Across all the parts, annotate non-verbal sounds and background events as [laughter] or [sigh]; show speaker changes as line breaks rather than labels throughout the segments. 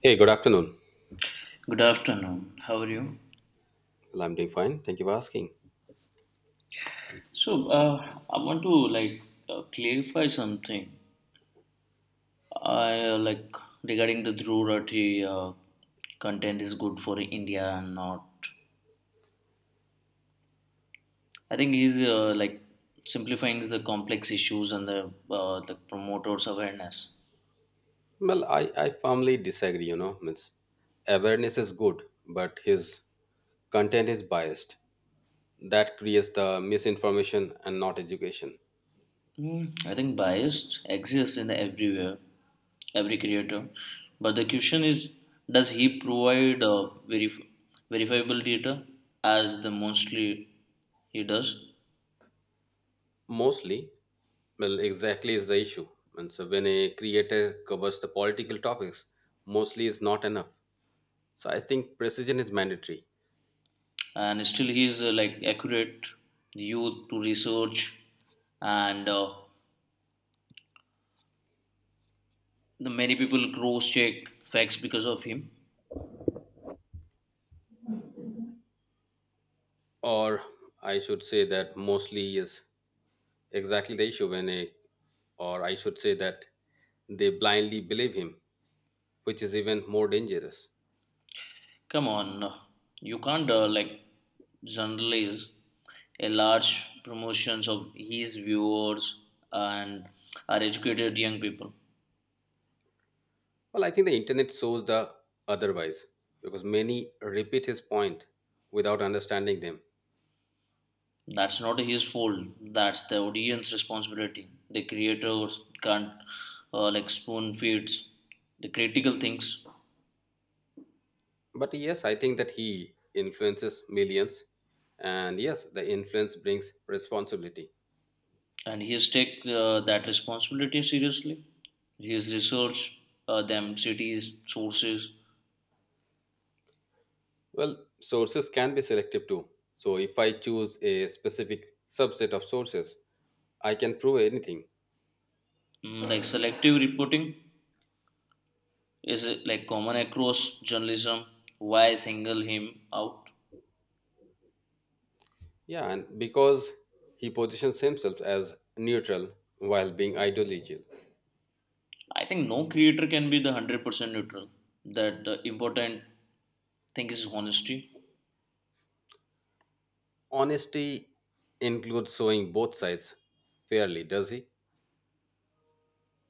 Hey, good afternoon.
Good afternoon. How are you?
Well, I'm doing fine. Thank you for asking.
So I want to like clarify something. I, regarding the Dhruv Rathi, content is good for India and not. I think he's simplifying the complex issues and the promoters awareness.
Well, I firmly disagree. Awareness is good, but his content is biased. That creates the misinformation and not education.
I think bias exists in everywhere, every creator. But the question is, does he provide verifiable data as the mostly he does?
Mostly, well, exactly is the issue. And so when a creator covers the political topics, mostly is not enough. So I think precision is mandatory.
And still, he is like accurate you to research, and the many people cross check facts because of him.
Or I should say that mostly is. Exactly the issue when a, or I should say that they blindly believe him, which is even more dangerous.
Come on, no. You can't like generalize a large promotions of his viewers and are educated young people.
Well, I think the internet shows the otherwise because many repeat his point without understanding them.
That's not his fault. That's the audience responsibility. The creators can't like spoon feeds the critical things,
But yes, I think that he influences millions, and yes, the influence brings responsibility.
and he's take that responsibility seriously. His research, them cities, sources,
Well, sources can be selective too. So if I choose a specific subset of sources, I can prove anything.
like selective reporting is it like common across journalism? Why single him out?
Yeah, and because he positions himself as neutral while being ideological.
I think no creator can be the 100% neutral. That the important thing is honesty.
Honesty includes showing both sides fairly, does he?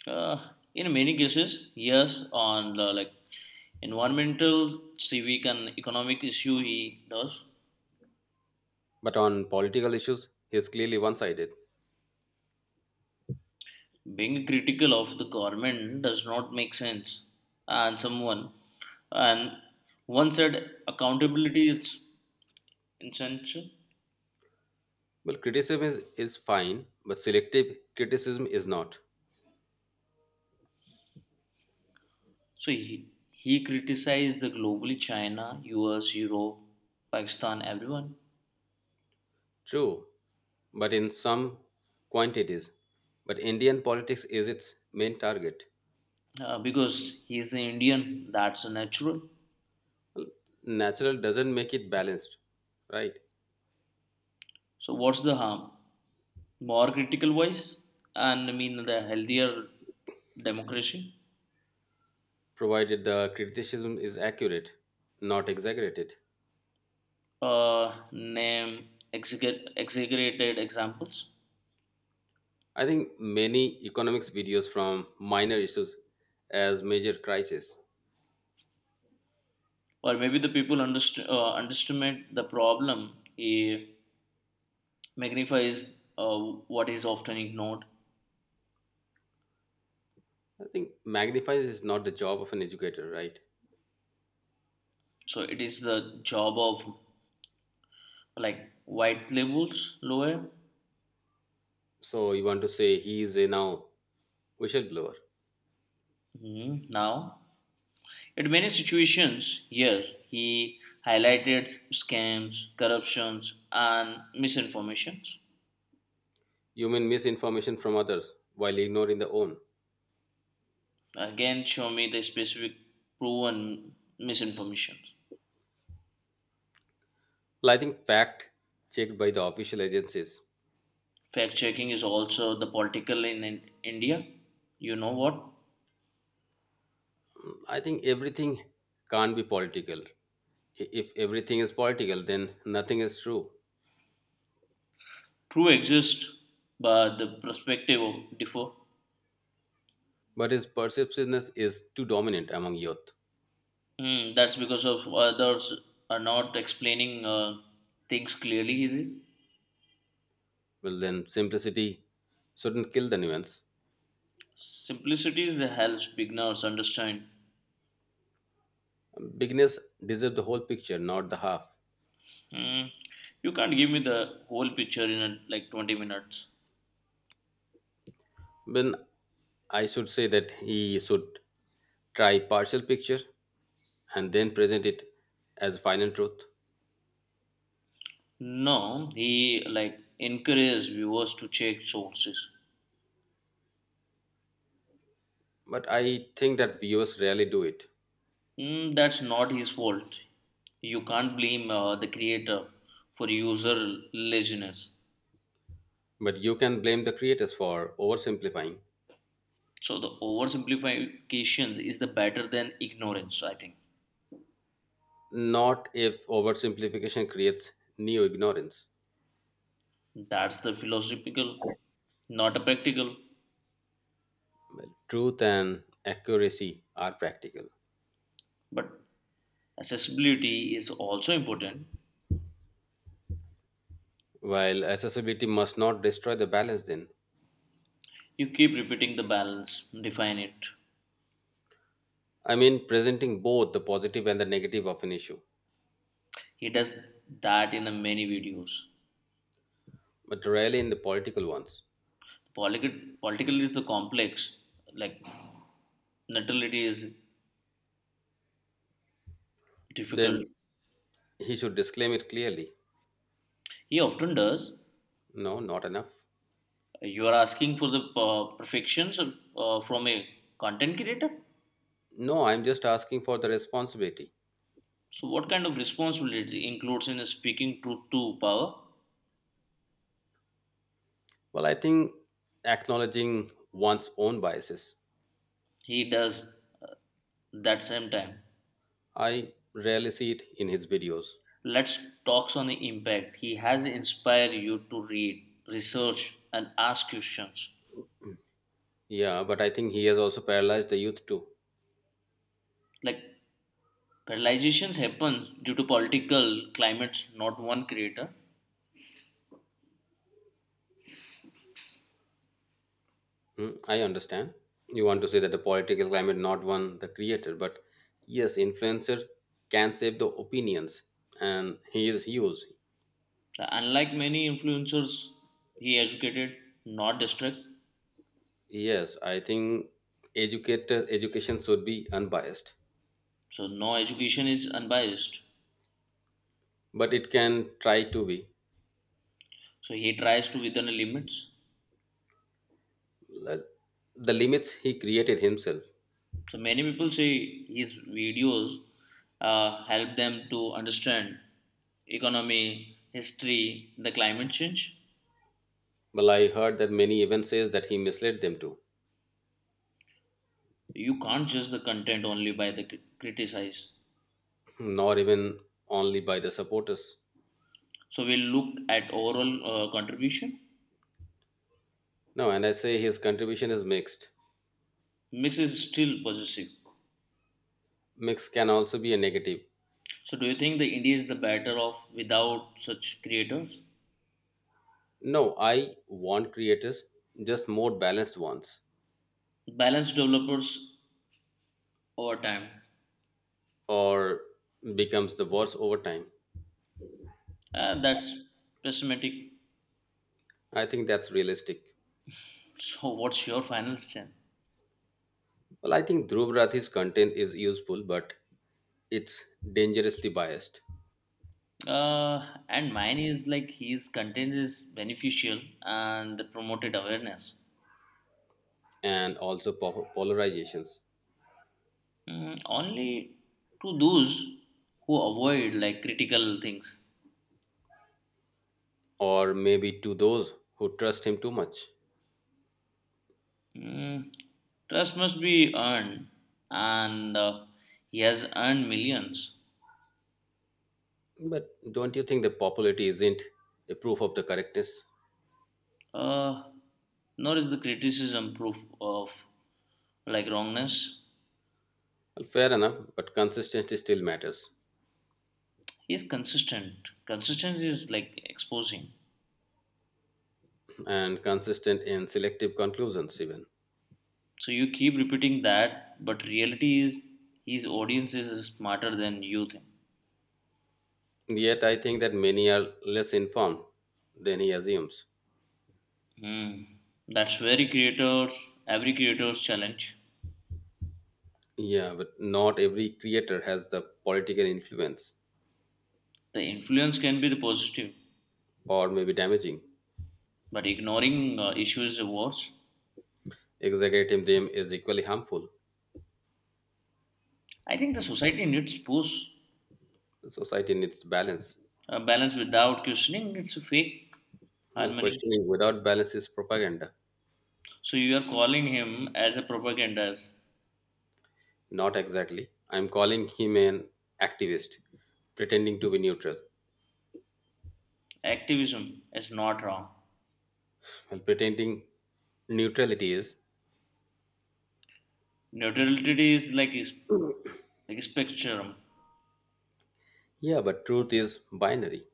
Uh, in many cases, yes, on the, like environmental, civic, and economic issue, he does.
But on political issues, he is clearly one sided.
Being critical of the government does not make sense, and someone and one said accountability is essential.
Well, criticism is fine, but selective criticism is not.
So he criticized the globally China, US, Europe, Pakistan, everyone
True, but in some quantities. But Indian politics is its main target.
because he's the Indian. That's natural.
Well, natural doesn't make it balanced, right?
So what's the harm? More critical voice and I mean the healthier democracy.
Provided the criticism is accurate, not exaggerated.
Name execute, exaggerated examples,
I think many economics videos from minor issues as major crisis.
or maybe the people underestimate the problem. He magnifies uh, what is often ignored.
I think magnifies is not the job of an educator, right?
So it is the job of like white labels lower.
So you want to say he is a now whistleblower.
Mhm, now. In many situations, yes, he highlighted scams, corruptions, and misinformations.
You mean misinformation from others while ignoring the own.
Again, show me the specific proven misinformations.
Well, I think fact checked by the official agencies.
Fact checking is also the political in India. You know what?
I think everything can't be political. If everything is political, then nothing is true.
True exists, but the perspective of differ.
But if perceptiveness is too dominant among youth,
Hmm, that's because of others are not explaining things clearly. Is it?
well, then simplicity shouldn't kill the nuance.
Simplicity is that helps beginners understand.
Beginners deserve the whole picture, not the half.
Hmm, you can't give me the whole picture in a, like 20 minutes.
Then I should say that he should try partial picture and then present it as final truth.
No, he like encourages viewers to check sources.
But I think that viewers rarely do it.
That's not his fault. You can't blame the creator for user laziness.
But you can blame the creators for oversimplifying.
So the oversimplifications is the better than ignorance. I think
Not if oversimplification creates new ignorance.
that's the philosophical, not a practical.
Well, truth and accuracy are practical.
But accessibility is also important.
While accessibility must not destroy the balance, then.
You keep repeating the balance, define it.
I mean, presenting both the positive and the negative of an issue,
He does that in the many videos.
but rarely in the political ones.
Political is the complex, like neutrality is difficult.
Then he should disclaim it clearly.
He often does.
No, not enough.
You are asking for the from a content creator.
No, I'm just asking for the responsibility.
So, what kind of responsibility includes in speaking truth to power?
Well, I think acknowledging one's own biases.
He does uh, that same time.
I rarely see it in his videos.
Let's talk on the impact. He has inspired you to read, research, and ask questions
Yeah, but I think he has also paralyzed the youth too.
like. Paralyzations happens due to political climates, not one creator.
Mm, I understand. You want to say that the political climate not one the creator, but yes, influencers can shape the opinions, and he is huge.
Unlike many influencers, he educated, not distract.
Yes, I think educator education should be unbiased,
So no education is unbiased.
but it can try to be.
So he tries to within the limits.
Like, the limits he created himself.
So many people say his videos help them to understand economy, history, the climate change.
Well, I heard that many even says that he misled them too,
You can't judge the content only by the criticize.
not even only by the supporters.
So we'll look at overall contribution.
No, and I say his contribution is mixed.
Mix is still possessive.
Mix can also be a negative.
So, do you think the indie is the better off without such creators?
No, I want creators, just more balanced ones,
Balanced developers over time.
or becomes the worst over time.
That's pessimistic.
I think that's realistic.
So, what's your final stand?
Well, I think Dhruv Rathi's content is useful, but it's dangerously biased
And mine is like his content is beneficial and promoted awareness.
and also polarizations,
Only to those who avoid like critical things.
or maybe to those who trust him too much.
Mm, Trust must be earned, and he has earned millions.
But don't you think the popularity isn't a proof of the correctness?
Uh, Nor is the criticism proof of like wrongness.
Well, fair enough, but consistency still matters,
Is consistent. Consistency is like exposing.
and consistent in selective conclusions, even.
So you keep repeating that, but reality is his audience is smarter than you think.
Yet I think that many are less informed than he assumes.
Hmm. That's very creators every creator's challenge.
Yeah, but not every creator has the political influence
The influence can be the positive,
or maybe damaging.
but ignoring issues is worse.
Exaggerating them is equally harmful.
I think the society needs push,
Society needs balance.
a balance without questioning. It's a fake
Well,
harmony.
questioning without balance is propaganda.
So you are calling him as a propagandist.
Not exactly. I'm calling him an activist, pretending to be neutral.
Activism is not wrong.
Well, pretending neutrality is,
Neutrality is like a, like a spectrum.
yeah, but truth is binary,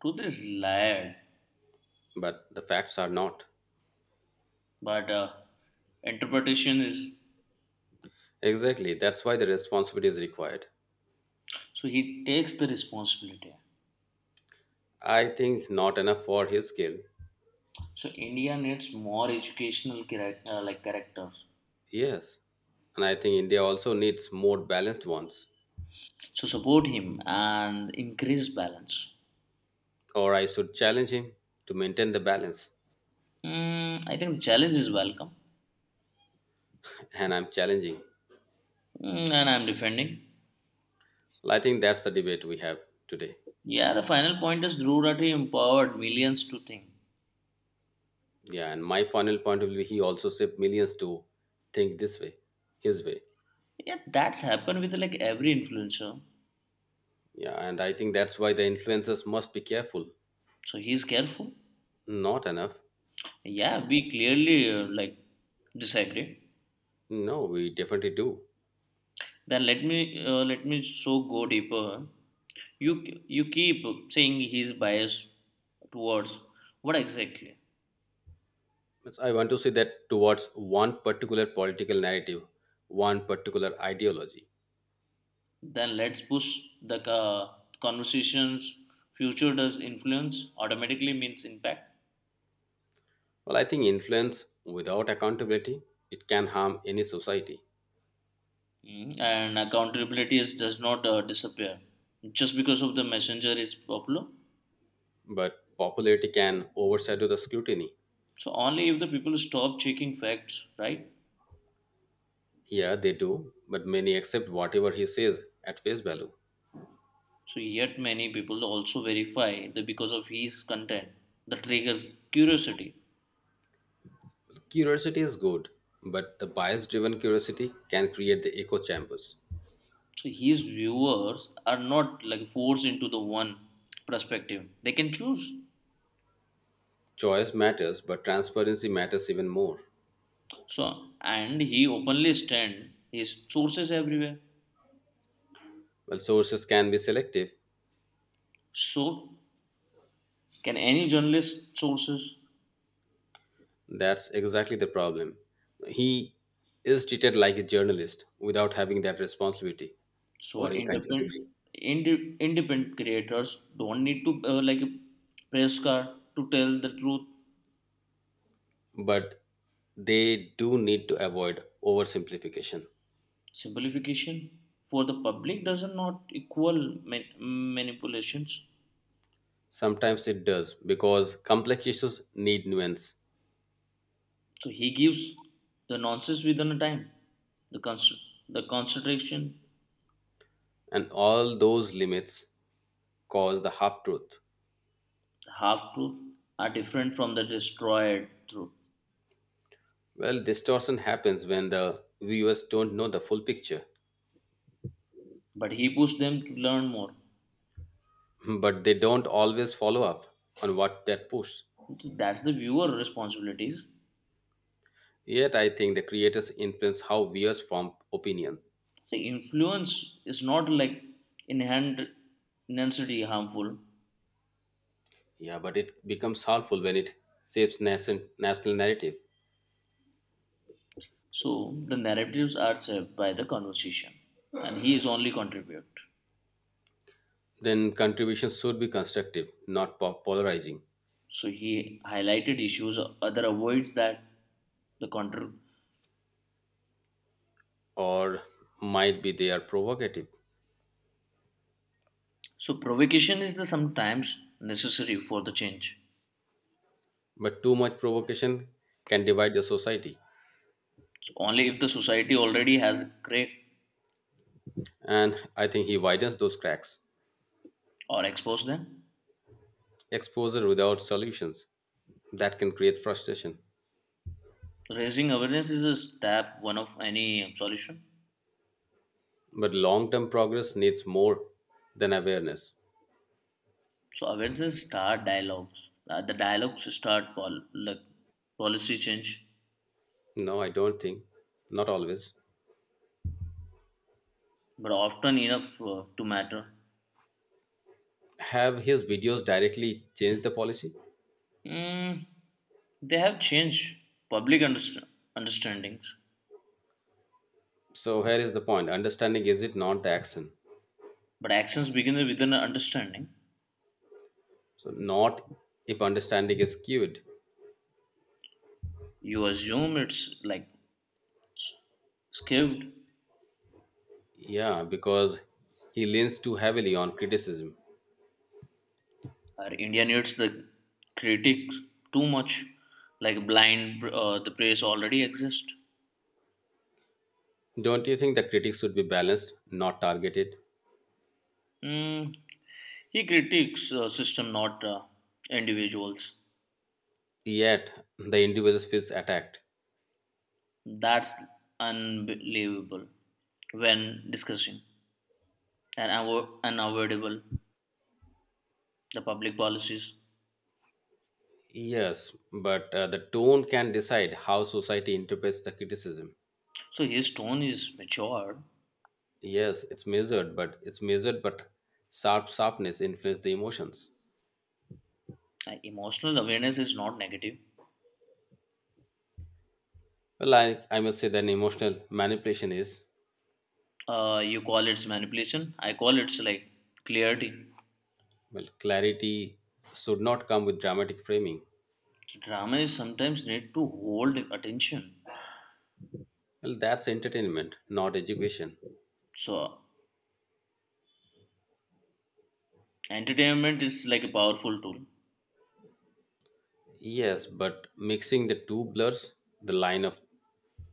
Truth is layered,
but the facts are not.
but interpretation is
Exactly. That's why the responsibility is required.
so he takes the responsibility.
I think not enough for his skill.
So India needs more educational character, like characters.
Yes. And I think India also needs more balanced ones.
So support him and increase balance.
Or I should challenge him to maintain the balance.
I think the challenge is welcome.
[laughs] And I'm challenging.
And I'm defending.
Well, I think that's the debate we have today.
Yeah, the final point is Dhruv Rathi empowered millions to think.
Yeah. And my final point will be he also saved millions to think this way, his way.
Yeah, that's happened with like every influencer.
Yeah. And I think that's why the influencers must be careful.
So he's careful.
Not enough.
Yeah, we clearly like disagree.
No, we definitely do.
Then let me so go deeper. You keep saying he's biased towards what exactly?
I want to say that towards one particular political narrative, one particular ideology.
Then let's push the conversations. Future does influence automatically means impact.
Well, I think influence without accountability, it can harm any society,
Mhm. And accountability is, does not disappear just because of the messenger is popular.
but popularity can overshadow the scrutiny.
So only if the people stop checking facts, right?
Yeah, they do, but many accept whatever he says at face value.
So yet many people also verify that because of his content, the trigger curiosity.
Curiosity is good, but the bias-driven curiosity can create the echo chambers.
So his viewers are not like forced into the one perspective. They can choose.
Choice matters, but transparency matters even more.
So and he openly stand his sources everywhere.
Well, sources can be selective.
So can any journalist sources?
That's exactly the problem. He is treated like a journalist without having that responsibility
So
or accountability.
independent creators don't need to like a press car to tell the truth
But they do need to avoid oversimplification.
simplification for the public does not equal manipulations
Sometimes it does because complex issues need nuance,
so he gives the nonsense within a time the cons- the concentration
and all those limits cause the half truth.
the half truth are different from the destroyed truth
Well, distortion happens when the viewers don't know the full picture,
but he pushed them to learn more.
[laughs] but they don't always follow up on what that push.
So that's the viewer responsibilities
Yet, I think the creators influence how viewers form opinion.
the influence is not like inherent intensity harmful
Yeah, but it becomes harmful when it shapes national narrative.
so the narratives are saved by the conversation and he is only contribute.
Then contributions should be constructive, not polarizing,
So he highlighted issues other avoids that the control.
or might be they are provocative.
So provocation is the sometimes necessary for the change.
But too much provocation can divide the society,
So only if the society already has cracked
and I think he widens those cracks.
or exposed them.
Exposure without solutions that can create frustration.
Raising awareness is a step one of any solution.
But long term progress needs more than awareness.
So awareness start dialogues. The dialogues start like policy change,
No, I don't think, not always.
but often enough to matter.
Have his videos directly changed the policy?
Mm, they have changed public understandings.
So here is the point understanding is it not the action?
But actions begin with an understanding.
So, not if understanding is skewed.
You assume it's like skewed,
Yeah, because he leans too heavily on criticism.
or India needs the critic too much, like blind the praise already exists.
Don't you think the critics should be balanced, not targeted?
Mm, he critiques system, not individuals.
Yet, the individual feels attacked.
That's unbelievable when discussing and unavoidable the public policies.
Yes, but the tone can decide how society interprets the criticism.
So his tone is mature.
Yes, it's measured, but sharp sharpness influence the emotions.
Emotional awareness is not negative.
Well, I must say that emotional manipulation is,
You call it manipulation, I call it like clarity.
well, clarity should not come with dramatic framing.
So drama is sometimes need to hold attention
Well, that's entertainment, not education.
so entertainment is like a powerful tool
Yes, but mixing the two blurs the line of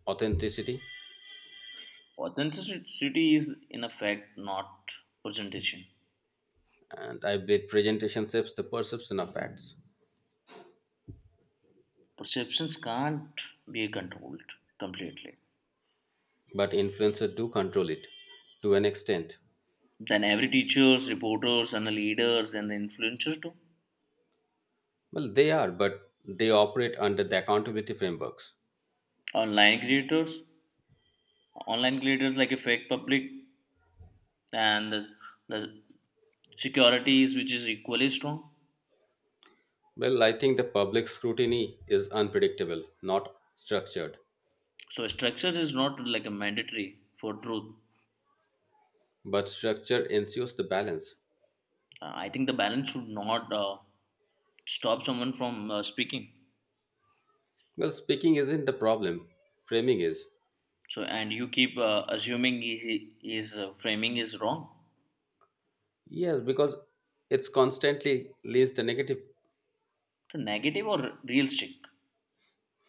authenticity,
authenticity is in effect not presentation
and I believe presentation shapes the perception of facts.
perceptions can't be controlled completely
But influencers do control it to an extent.
then every teachers reporters and the leaders and the influencers too
Well, they are, but they operate under the accountability frameworks.
online creators online creators like a fake public and the securities which is equally strong.
Well, I think the public scrutiny is unpredictable, not structured.
So structure is not like a mandatory for truth.
But structure ensures the balance.
I think the balance should not stop someone from speaking.
Well, speaking isn't the problem, framing is.
So and you keep assuming his framing is wrong,
Yes, because it's constantly leads the negative.
the negative or realistic.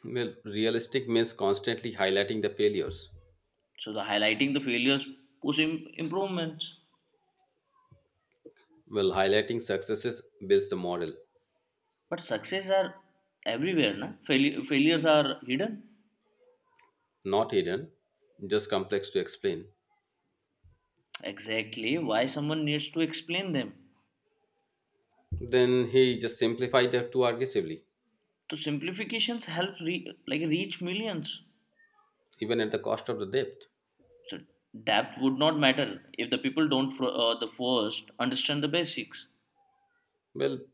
Well, realistic means constantly highlighting the failures.
So the highlighting the failures push improvements.
Well, highlighting successes builds the model,
But success are everywhere, na? Failures are hidden.
not hidden, just complex to explain.
Exactly why someone needs to explain them.
Then he just simplified that too aggressively,
So simplifications help like reach millions.
even at the cost of the depth.
So depth would not matter if the people don't the first understand the basics.
Well,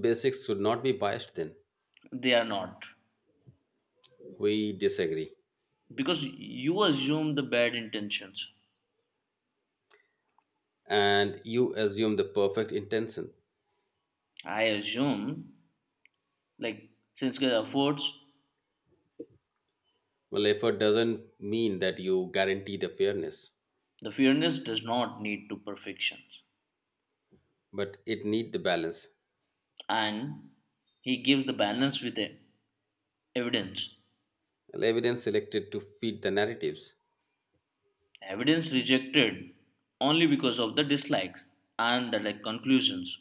basics should not be biased then.
They are not
We disagree.
because you assume the bad intentions.
And you assume the perfect intention.
I assume like since God affords
Well, effort doesn't mean that you guarantee the fairness,
the fairness does not need to perfections
but it need the balance.
and he gives the balance with evidence.
Well, evidence selected to feed the narratives.
Evidence rejected only because of the dislikes and the like conclusions.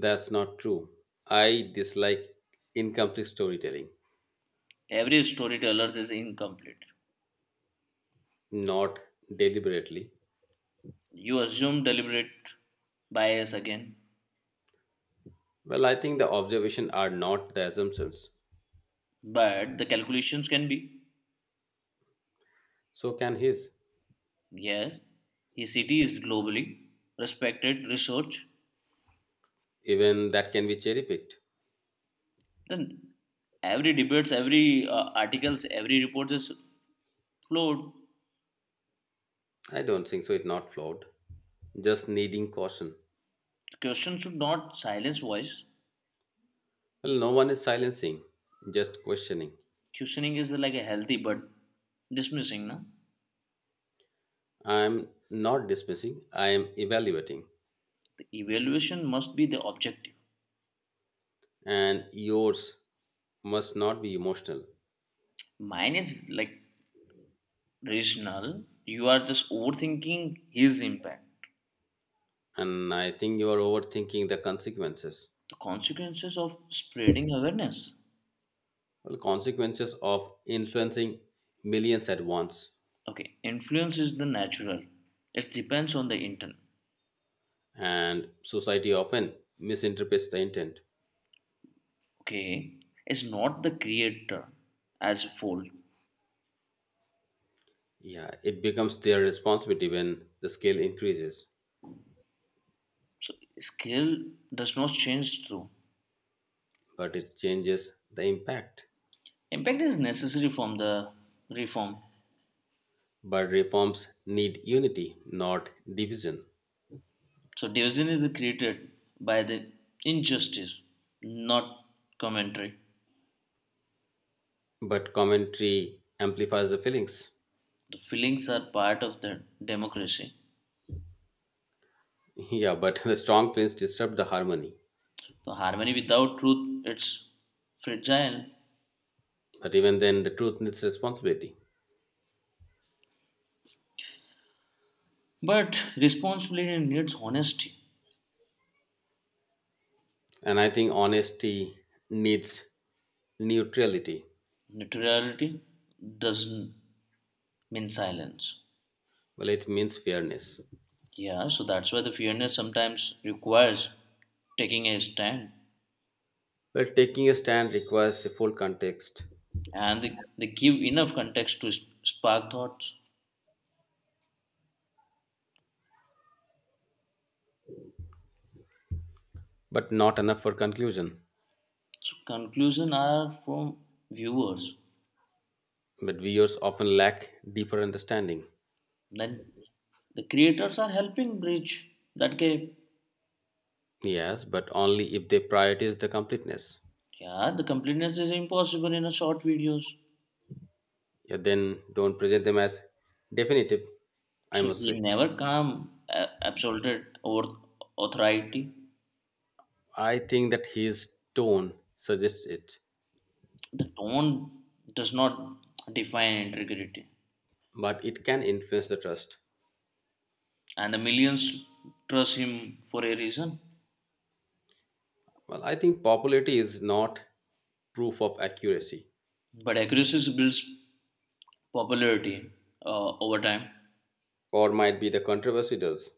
That's not true. I dislike incomplete storytelling,
Every storyteller is incomplete.
not deliberately.
You assume deliberate bias again.
Well, I think the observation are not the assumptions.
But the calculations can be
So can his.
yes, his city is globally respected research.
Even that can be cherry picked.
Then every debates, every articles, every report is flowed.
I don't think so. It's not flawed. Just needing caution.
Question should not silence voice.
Well, no one is silencing, just questioning.
Questioning is like a healthy but dismissing. Na?
I'm not dismissing, I am evaluating.
The evaluation must be the objective.
And yours must not be emotional.
Mine is like rational. You are just overthinking his impact,
And I think you are overthinking the consequences.
the consequences of spreading awareness.
Well, consequences of influencing millions at once,
Okay, influence is the natural. It depends on the intent.
and society often misinterprets the intent.
Okay, it's not the creator as a whole.
Yeah, it becomes their responsibility when the scale increases,
So skill does not change through.
but it changes the impact,
Impact is necessary from the reform.
but reforms need unity not division,
So division is created by the injustice, not commentary.
but commentary amplifies the feelings.
The feelings are part of the democracy.
Yeah, but [laughs] the strong feelings disrupt the harmony,
So harmony without truth, it's fragile.
but even then the truth needs responsibility,
But responsibility needs honesty.
and I think honesty needs neutrality.
Neutrality doesn't mean silence.
Well, it means fairness.
Yeah, so that's why the fairness sometimes requires taking a stand
Well, taking a stand requires a full context,
and they give enough context to spark thoughts.
but not enough for conclusion.
So conclusion are from viewers.
But viewers often lack deeper understanding.
Then the creators are helping bridge that gap.
Yes, but only if they prioritize the completeness.
Yeah, the completeness is impossible in a short videos.
Yeah, then don't present them as definitive, I
So
must say.
he never come absolted over authority.
I think that his tone suggests it,
The tone does not define integrity.
but it can influence the trust.
And the millions trust him for a reason.
Well, I think popularity is not proof of accuracy,
But accuracy builds popularity over time.
or might be the controversy does.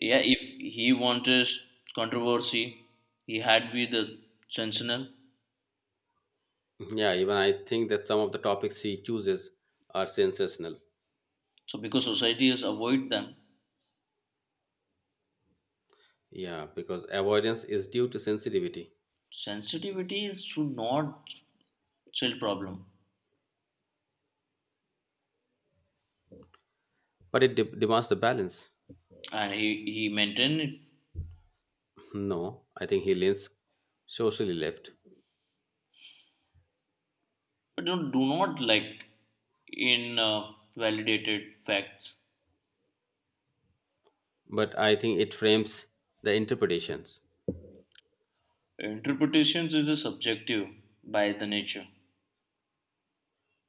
Yeah, if he wanted controversy, he had with the sensational.
Yeah, even I think that some of the topics he chooses are sensational.
So because society has avoid them,
Yeah, because avoidance is due to sensitivity,
sensitivity is, should not sell problem,
but it demands the balance.
and he maintain it.
No, I think he leans socially left,
But don't, do not like in validated facts.
but I think it frames the interpretations.
Interpretations is a subjective by the nature.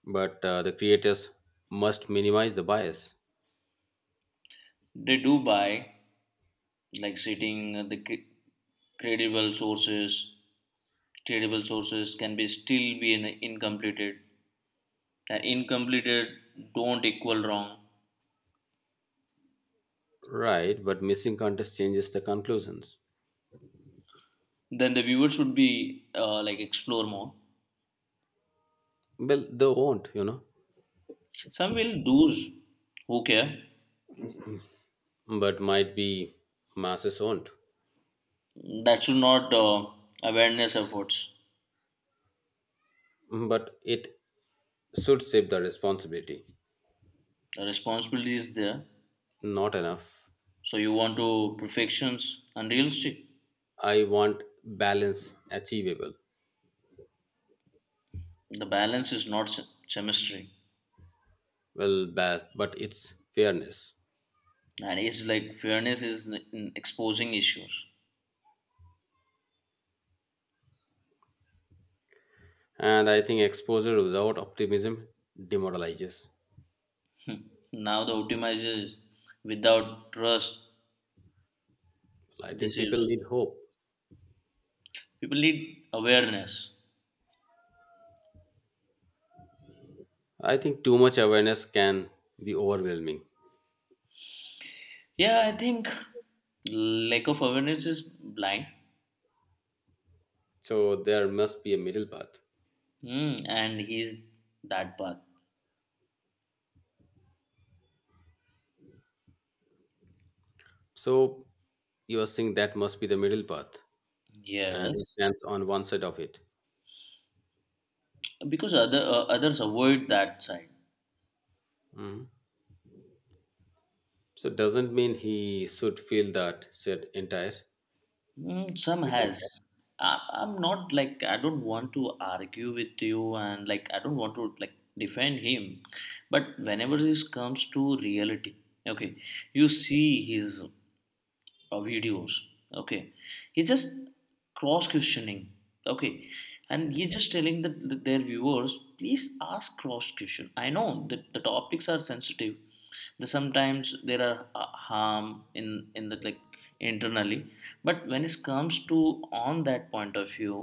But the creators must minimize the bias,
They do by like citing credible sources credible sources can be still incompleted and incompleted don't equal wrong
right? But missing context changes the conclusions.
then the viewer should be like explore more
Well, they won't,
some will do. Who care
but might be masses won't.
that should not awareness efforts
But it should shape the responsibility.
the responsibility is there
Not enough.
so you want to perfections unrealistic
I want balance, achievable,
the balance is not chemistry
well, but it's fairness.
and it's like fairness is in exposing issues.
And I think exposure without optimism demoralizes.
Now the optimizers, without trust
Well, I think
deceives.
people need hope.
People need awareness.
I think too much awareness can be overwhelming.
Yeah, I think lack of awareness is blind.
So there must be a middle path.
And he's that path.
So you are saying that must be the middle path, and he
Yes,
stands on one side of it.
because others avoid that side.
Mhm. So doesn't mean he should feel that said entire.
Some
entire.
has. I'm not like I don't want to argue with you and like I don't want to like defend him, but whenever this comes to reality, okay, you see his videos okay he's just cross questioning okay and he's just telling their viewers please ask cross question I know that the topics are sensitive the sometimes there are harm in the like internally but when it comes to on that point of view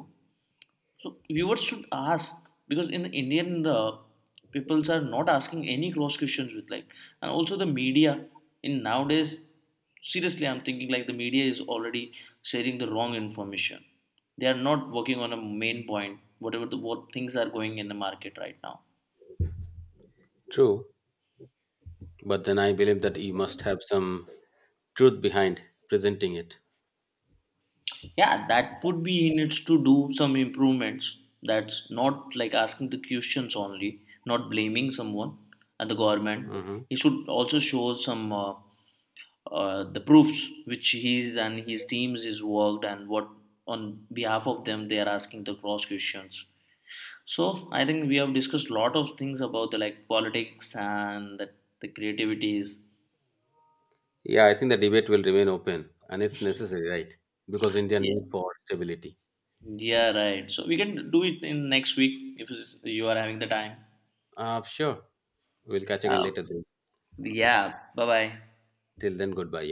so viewers should ask because in the Indian peoples are not asking any cross questions with like and also the media in nowadays seriously I'm thinking like the media is already sharing the wrong information. They are not working on a main point whatever the what things are going in the market right now.
True, but then I believe that he must have some truth behind presenting it.
Yeah, that would be needs to do some improvements. That's not like asking the questions only, not blaming someone and the government.
Mhm.
He should also show some. The proofs which he's and his teams is worked and what on behalf of them they are asking the cross questions so I think we have discussed a lot of things about the like politics and the creativities
Yeah, I think the debate will remain open and it's necessary, right? Because India
yeah
need for stability.
yeah right so we can do it in next week if you are having the time
Sure. We'll catch again
uh,
later then. Okay.
yeah bye bye
Till then, goodbye. Yeah.